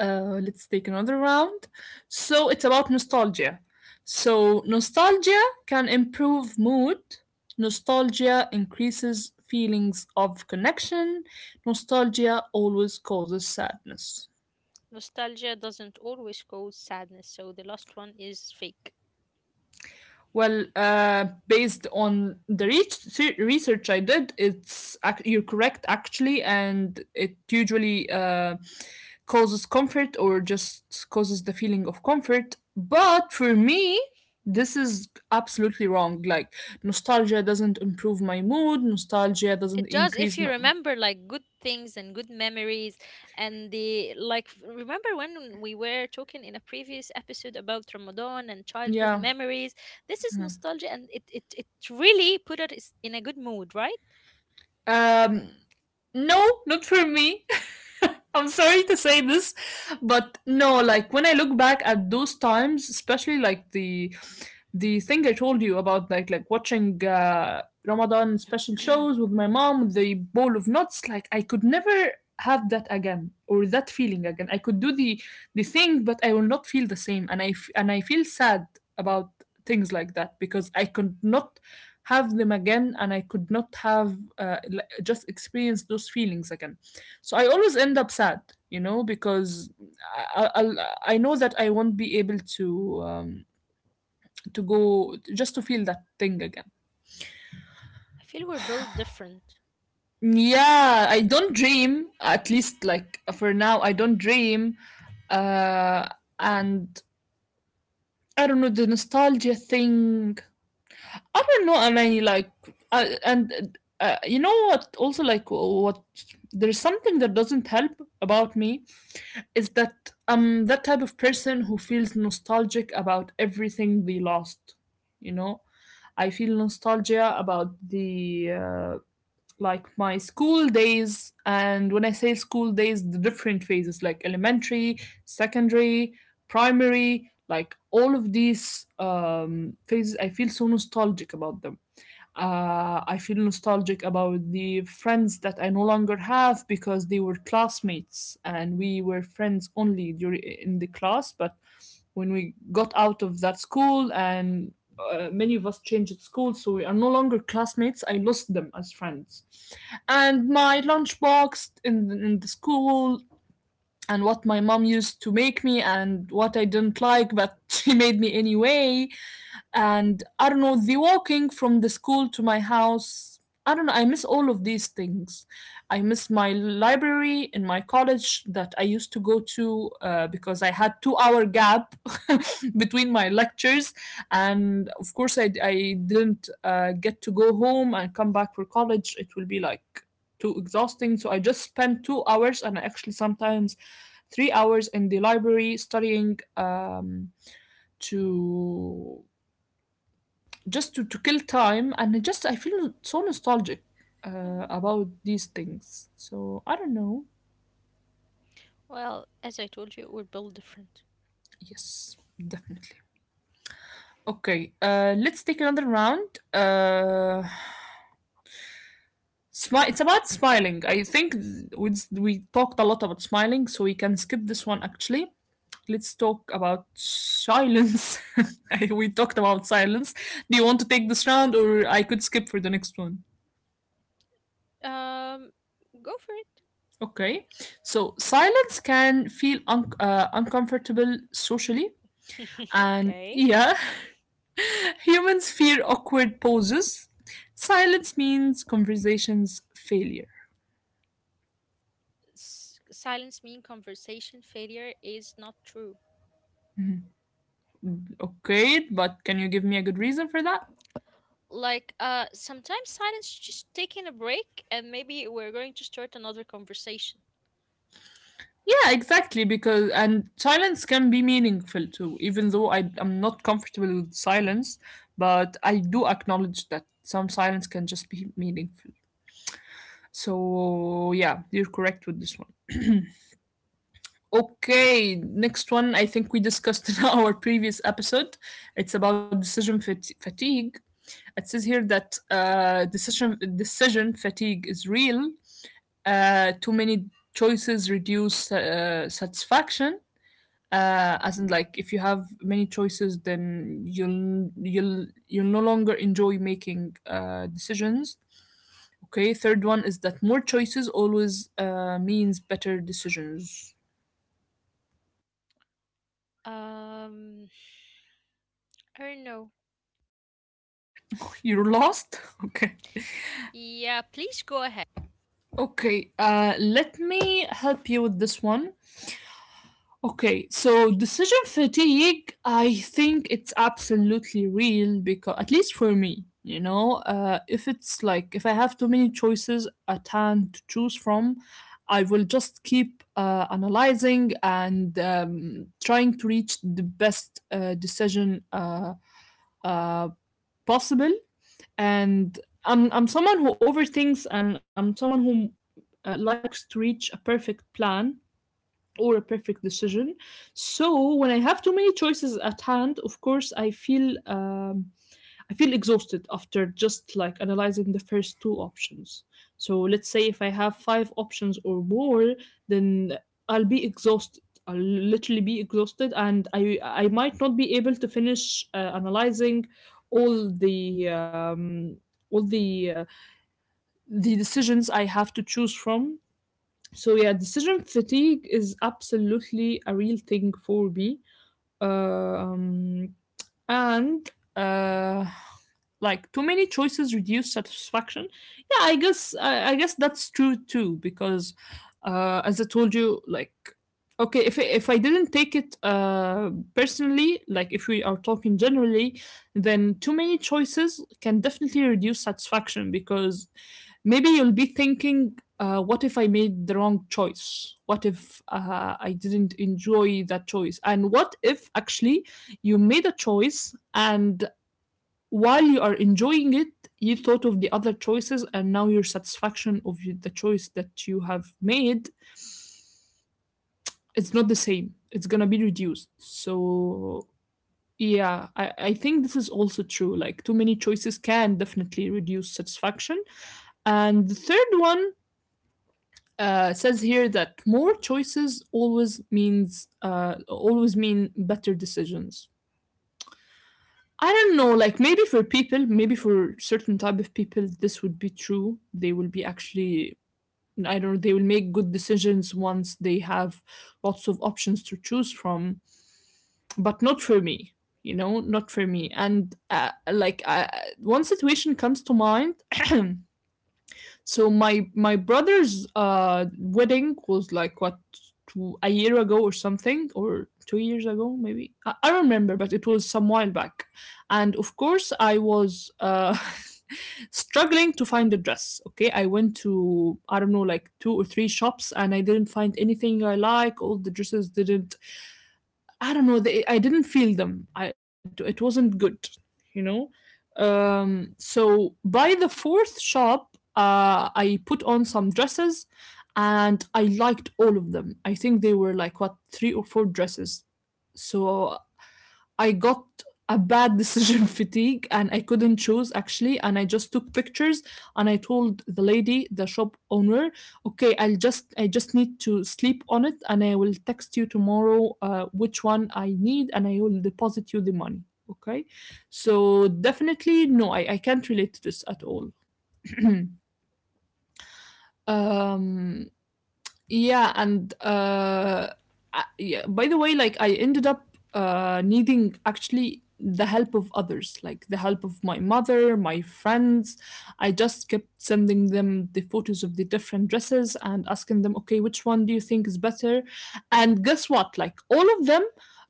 Let's take another round. So it's about nostalgia. So nostalgia can improve mood. Nostalgia increases feelings of connection. Nostalgia always causes sadness. Nostalgia doesn't always cause sadness, so the last one is fake. Well, based on the research I did, you're correct actually, and it usually causes comfort or just causes the feeling of comfort. But for me, this is absolutely wrong. Like nostalgia doesn't improve my mood. Nostalgia doesn't It does if increase you my remember like good things and good memories, and the like remember when we were talking in a previous episode about Ramadan and childhood yeah. memories. This is nostalgia and it really put us in a good mood, right? Um, no, not for me. (laughs) I'm sorry to say this, but no, like when I look back at those times, especially like the thing I told you (clears throat) about, like watching Ramadan special I shows with my mom, with the bowl of nuts, like I could never have that again or that feeling again. I could do the thing, but I will not feel the same, and I feel sad about things like that because I could not have them again, and I could not have just experience those feelings again. So I always end up sad, you know, because I I'll, I know that I won't be able to go just to feel that thing again. feel we're built different. Yeah, I don't dream. At least like for now, I don't dream. Uh, and I don't know the nostalgia thing. I don't know, and I like, and you know what? Also, like, what there's something that doesn't help about me is that I'm that type of person who feels nostalgic about everything they lost. You know, I feel nostalgia about the like my school days, and when I say school days, the different phases like elementary, secondary, primary, like all of these phases. I feel so nostalgic about them, I feel nostalgic about the friends that I no longer have because they were classmates and we were friends only during in the class. But when we got out of that school and many of us changed school, so we are no longer classmates. I lost them as friends, and my lunchbox in the school and what my mom used to make me and what I didn't like, but (laughs) she made me anyway. And I don't know, the walking from the school to my house. I don't know, I miss all of these things. I miss my library in my college that I used to go to because I had 2 hour gap (laughs) between my lectures. And of course, I didn't get to go home and come back for college. It will be like too exhausting. So I just spend 2 hours and actually sometimes 3 hours in the library studying to just to kill time. And I just I feel so nostalgic Hmm. about these things. So I don't know. Well, as I told you, we're built different. Yes, definitely. Okay, let's take another round. It's about smiling. I think we talked a lot about smiling, so we can skip this one actually. Let's talk about silence. (laughs) We talked about silence. Do you want to take this round or I could skip for the next one? Um, go for Okay. So, silence can feel uncomfortable socially. it. (laughs) And Okay. yeah, (laughs) humans fear awkward pauses. Silence means conversations failure. Silence mean conversation failure is not true. Okay, but can you give me a good reason for that? Like, sometimes silence is just taking a break, and maybe we're going to start another conversation. Yeah, exactly. Because and silence can be meaningful too. Even though I am not comfortable with silence, but I do acknowledge that some silence can just be meaningful. So yeah, you're correct with this one. Okay, next one. I think we discussed in (laughs) our previous episode. It's about fatigue. It says here that decision fatigue is real. Too many choices reduce satisfaction, as in like if you have many choices then you'll no longer enjoy making decisions. Okay, third one is that more choices always means better decisions. Um, I don't know. You're lost. (laughs) Okay. Yeah, please go ahead. Okay, let me help you with this one. Okay, so decision fatigue, I think it's absolutely real because, at least for me, you know, if it's like if I have too many choices at hand to choose from, I will just keep analyzing and trying to reach the best decision uh, possible. And I'm someone who overthinks, and I'm someone who likes to reach a perfect plan or a perfect decision. So when I have too many choices at hand, of course, I feel exhausted after just like analyzing the first two options. So let's say if I have five options or more, then I'll be exhausted. I'll literally be exhausted, and I might not be able to finish analyzing all the all the uh, the decisions I have to choose from. So yeah, decision fatigue is absolutely a real thing for me. Um, and uh, like too many choices reduce satisfaction. Yeah, I guess that's true too because as I told you, like okay, if I didn't take it personally, like if we are talking generally, then too many choices can definitely reduce satisfaction because maybe you'll be thinking, what if I made the wrong choice? What if I didn't enjoy that choice? And what if actually you made a choice and while you are enjoying it, you thought of the other choices, and now your satisfaction of the choice that you have made, it's not the same. It's gonna be reduced. So yeah, I think this is also true. Like too many choices can definitely reduce satisfaction. And the third one, uh, says here that more choices always mean better decisions. I don't know, like maybe for people, maybe for certain type of people, this would be true. They will be actually, I don't know, they will make good decisions once they have lots of options to choose from, but not for me, you know, not for me. And one situation comes to mind. (clears throat) So my brother's wedding was like what, two, a year ago or something or 2 years ago maybe. I don't remember, but it was some while back, and of course I was (laughs) struggling to find a dress. Okay, I went to, I don't know, like two or three shops and I didn't find anything I like. All the dresses didn't, I don't know. I didn't feel them. It wasn't good, you know. So by the fourth shop, I put on some dresses, and I liked all of them. I think they were like what, three or four dresses. So I got a bad (laughs) decision fatigue, and I couldn't choose actually. And I just took pictures and I told the lady, the shop owner, okay, I just need to sleep on it and I will text you tomorrow which one I need and I will deposit you the money. Okay. So definitely, no, I can't relate to this at all. (clears throat) um, yeah, and yeah, by the way, like I ended up needing actually the help of others, like the help of my mother, my friends. I just kept sending them the photos of the different dresses and asking them, okay, which one do you think is better? And guess what? Like all of them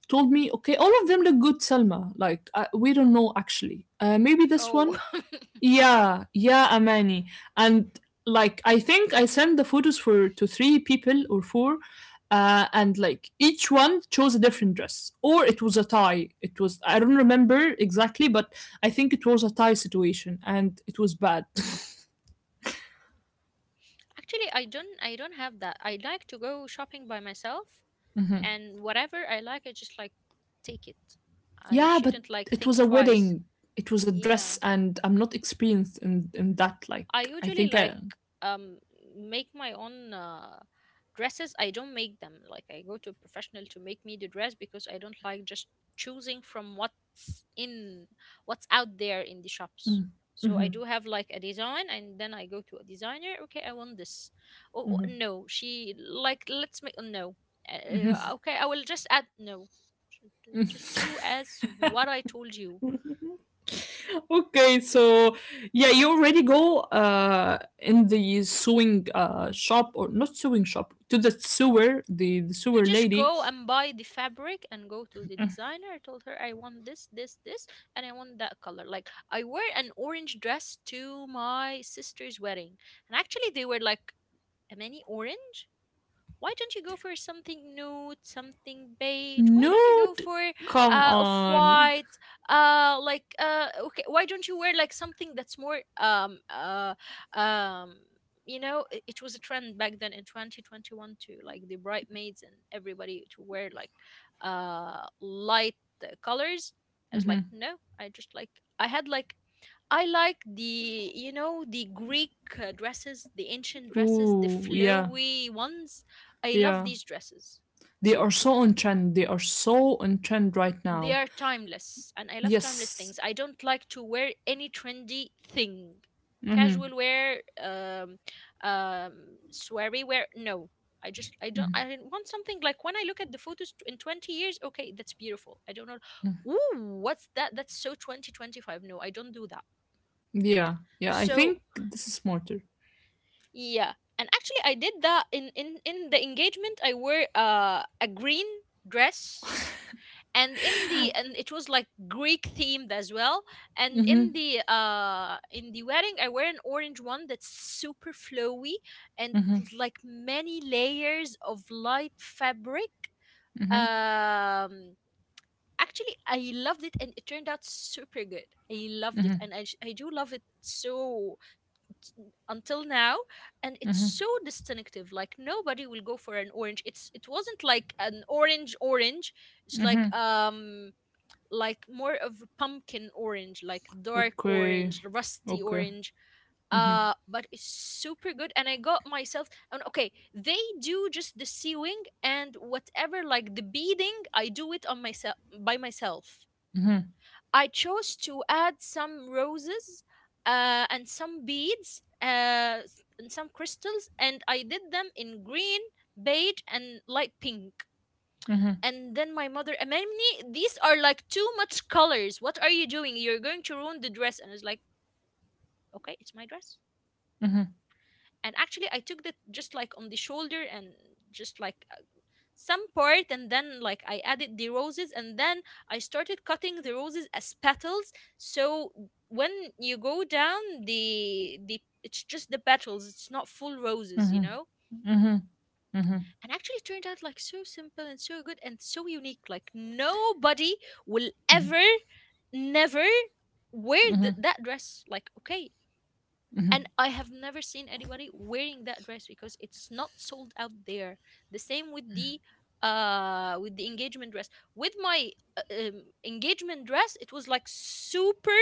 told me, okay, all of them look good, Salma. Like we don't know actually. Maybe this Oh, one. (laughs) Yeah, yeah, Amani. And like I think I sent the photos for to three people or four, and like each one chose a different dress. Or it was a tie. It was, I don't remember exactly, but I think it was a tie situation and it was bad. actually, I don't. I don't have that. I like to go shopping by myself, and whatever I like, I just like take it. (laughs) I Yeah, but shouldn't like it was think a twice. wedding. It was a dress Yeah. and I'm not experienced in that. Like I I usually think I, like um make my own dresses. I don't make them. Like I go to a professional to make me the dress because I don't like just choosing from what's in what's out there in the shops. So I do have like a design, and then I go to a designer, okay, I want this. Oh, oh, no, she like let's make no. Okay, I will just add no. Just do as what I told you. okay, so yeah, you already go in the sewing shop, or not sewing shop, to the sewer, the I sewer just lady. go and buy the fabric and go to the designer. I told her I want this, this, this, and I want that color. Like I wear an orange dress to my sister's wedding, and actually they were like a mini orange, why don't you go for something nude, something beige? Why No, don't you go for come off on. white? Okay, why don't you wear like something that's more um you know, it was a trend back then in 2021 too, like the bridesmaids and everybody to wear like light colors. I was like, no, I just like I had like I like, the you know, the Greek dresses, the ancient dresses, the Ooh, yeah, flowy ones. I love yeah. these dresses. They are So so on trend. They are so on trend right they now. are timeless and I love timeless Yes, things. I don't like to wear any trendy thing. Casual wear, um sweary wear. No. I just I don't I didn't want something like when I look at the photos in 20 years, okay, that's beautiful. I don't know. Ooh, what's that? That's so 2025. No, I don't do that. yeah, yeah. I think So this is smarter. yeah, and actually, I did that in the engagement. I wore a green dress, and in the and it was like Greek themed as well. And in the wedding, I wear an orange one that's super flowy and like many layers of light fabric. Um, actually, I loved it, and it turned out super good. I loved it, and I do love it so until now, and it's so distinctive, like nobody will go for an orange, it's it wasn't like an orange orange, it's like more of a pumpkin orange, like dark Okay, orange, rusty okay. orange, but it's super good, and I got myself and okay, they do just the sewing and whatever, like the beading I do it on myself by myself. I chose to add some roses and some beads, and some crystals, and I did them in green, beige, and light pink. And then my mother, Amani, these are like too much colors. What are you doing? You're going to ruin the dress. And I was like, okay, it's my dress. And actually, I took that just like on the shoulder and just like some part, and then like I added the roses, and then I started cutting the roses as petals, so when you go down the it's just the petals, it's not full roses, you know. And actually it turned out like so simple and so good and so unique, like nobody will ever never wear that dress, like okay, and I have never seen anybody wearing that dress because it's not sold out there. The same with the engagement dress. With my engagement dress, it was like super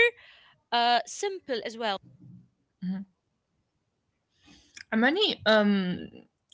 simple as well. Many,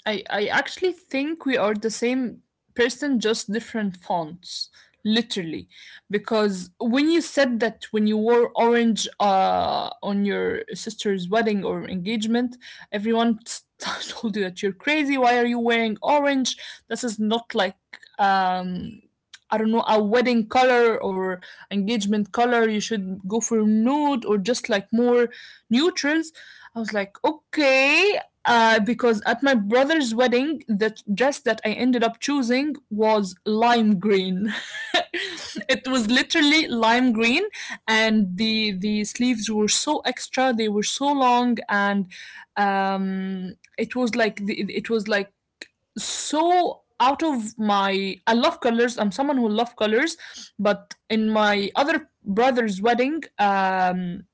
I actually think we are the same person, just different fonts, literally. Because when you said that when you wore orange on your sister's wedding or engagement, everyone (laughs) told you that you're crazy. Why are you wearing orange? This is not like, um, I don't know, a wedding color or engagement color. You should go for nude or just like more neutrals. I was like, okay. Because at my brother's wedding, the dress that I ended up choosing was lime green. (laughs) It was literally lime green, and the sleeves were so extra. They were so long, and it was like the, it was like so out of my. I love colors. I'm someone who love colors, but in my other brother's wedding,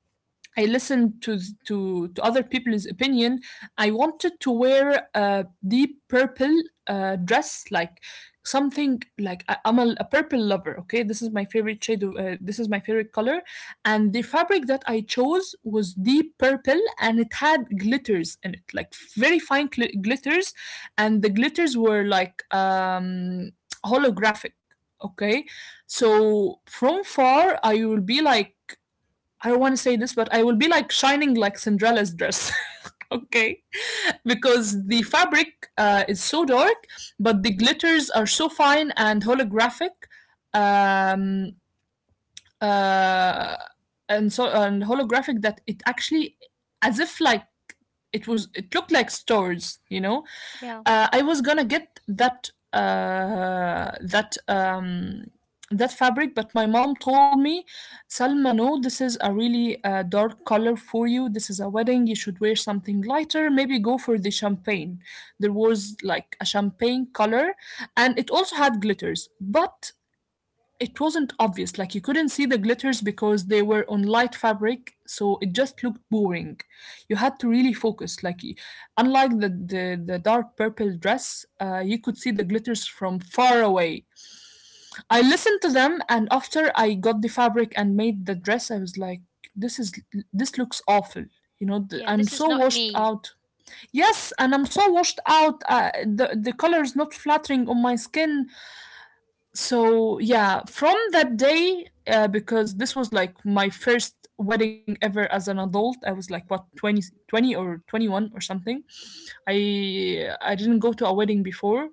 I listened to other people's opinion. I wanted to wear a deep purple dress, like something like I'm a purple lover. Okay, this is my favorite shade of this is my favorite color, and the fabric that I chose was deep purple, and it had glitters in it, like very fine glitters, and the glitters were like holographic. Okay, so from far I will be like, I don't want to say this, but I will be like shining like Cinderella's dress. (laughs) Okay, because the fabric is so dark, but the glitters are so fine and holographic, um, uh, and so and holographic that it actually, as if like it looked like stores, you know. Yeah, Uh, I was gonna get that that that fabric, but my mom told me, Salma, no, this is a really dark color for you. This is a wedding. You should wear something lighter. Maybe go for the champagne. There was like a champagne color, and it also had glitters but it wasn't obvious, like you couldn't see the glitters because they were on light fabric, so it just looked boring. You had to really focus, like unlike the dark purple dress, you could see the glitters from far away. I listened to them, and after I got the fabric and made the dress, I was like, this is, this looks awful. You know, yeah. I'm This is so not washed me. out. Yes, and I'm so washed out. The color is not flattering on my skin. So yeah, from that day because this was like my first wedding ever as an adult, I was like what, 20, 20 or 21 or something. I didn't go to a wedding before.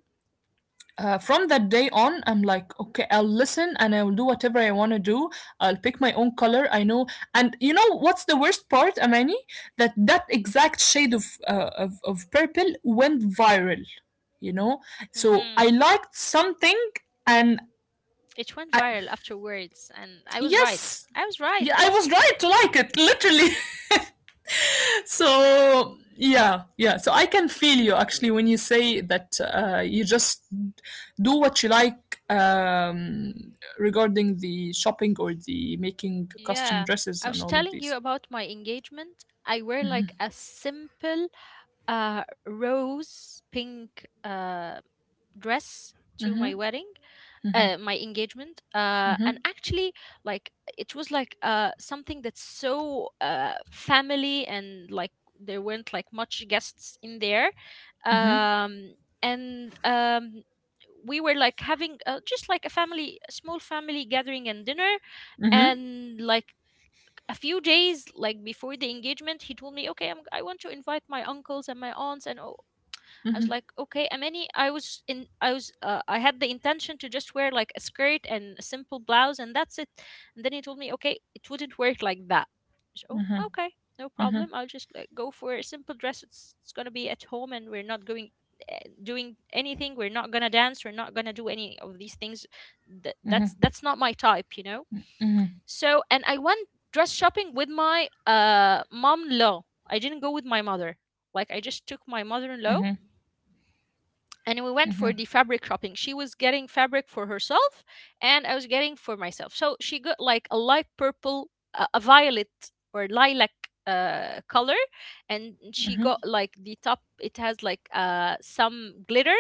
Uh, from that day on, I'm like, okay, I'll listen and I'll do whatever I want to do. I'll pick my own color, I know. And you know what's the worst part, Amani? That that exact shade of of purple went viral, you know. So Hmm. I liked something, and It went I, viral afterwards, and I was right. yes. I was right. Yeah, I was right to like it, literally. (laughs) So yeah, yeah. So I can feel you actually when you say that you just do what you like, um, regarding the shopping or the making custom Yeah, dresses I and was all of telling you these. about my engagement. I wear like a simple rose pink dress to my Mhm. wedding, my engagement, and Mhm. actually like it was like something that's so family, and like there weren't like much guests in there, Mhm. um, and we were like having just like a family, a small family gathering and dinner, Mhm. and like a few days like before the engagement he told me okay I want to invite my uncles and my aunts and I was like, okay, Amani, I was in, I was, I had the intention to just wear like a skirt and a simple blouse, and that's it. And then he told me, okay, it wouldn't work like that. So, okay, no problem. I'll just like go for a simple dress. It's going to be at home, and we're not going, doing anything. We're not going to dance. We're not going to do any of these things. That's not my type, you know? So, and I went dress shopping with my mom-in-law. I didn't go with my mother. Like I just took my mother-in-law, Mhm. and we went for Mhm. the fabric shopping. She was getting fabric for herself, and I was getting for myself. So she got like a light purple, a violet or lilac color, and she Mhm. got like the top. It has like some glitter,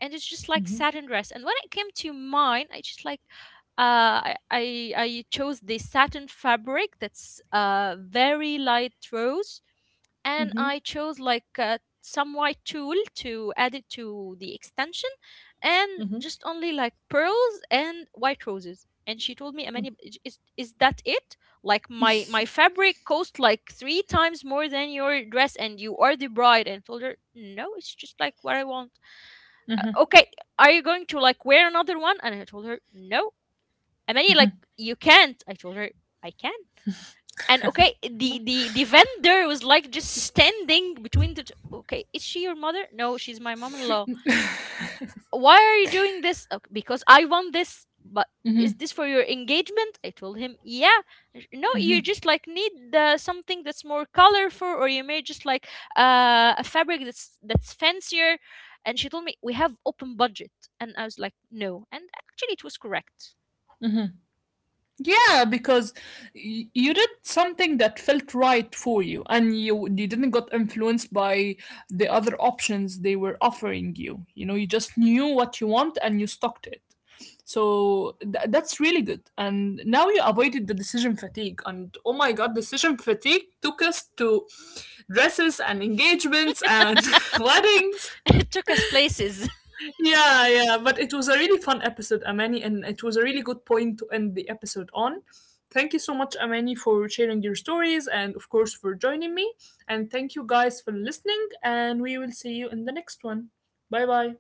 and it's just Mhm. like satin dress. And when it came to mine, I just like I chose the satin fabric that's very light rose, Hmm, hmm. and I chose like some white tool to add it to the extension, Hmm. and just only like pearls and white roses. And she told me, Amani, is that it? Like my fabric cost like three times more than your dress, and you are the bride. And I told her, no, it's just like what I want. Okay, are you going to like wear another one? And I told her, no. Amani, like you can't. I told her, I can. And okay, the vendor was like just standing between the two. Okay, is she your mother? No, she's my mom-in-law. Why are you doing this? "Okay, because I want this, but Mhm. is this for your engagement?" I told him, yeah. No, you just like need something that's more colorful, or you may just like a fabric that's fancier." And she told me we have open budget, and I was like no, and actually it was correct. Mhm. Yeah, because you did something that felt right for you, and you didn't got influenced by the other options they were offering you. You know, you just knew what you want and you stuck to it. So that's really good. And now you avoided the decision fatigue. And oh my god, decision fatigue took us to dresses and engagements and (laughs) (laughs) weddings. (laughs) It took us places. Yeah, yeah, but it was a really fun episode, Amani, and it was a really good point to end the episode on. Thank you so much, Amani, for sharing your stories and, of course, for joining me. And thank you guys for listening, (laughs) and we will see you in the next one. Bye bye.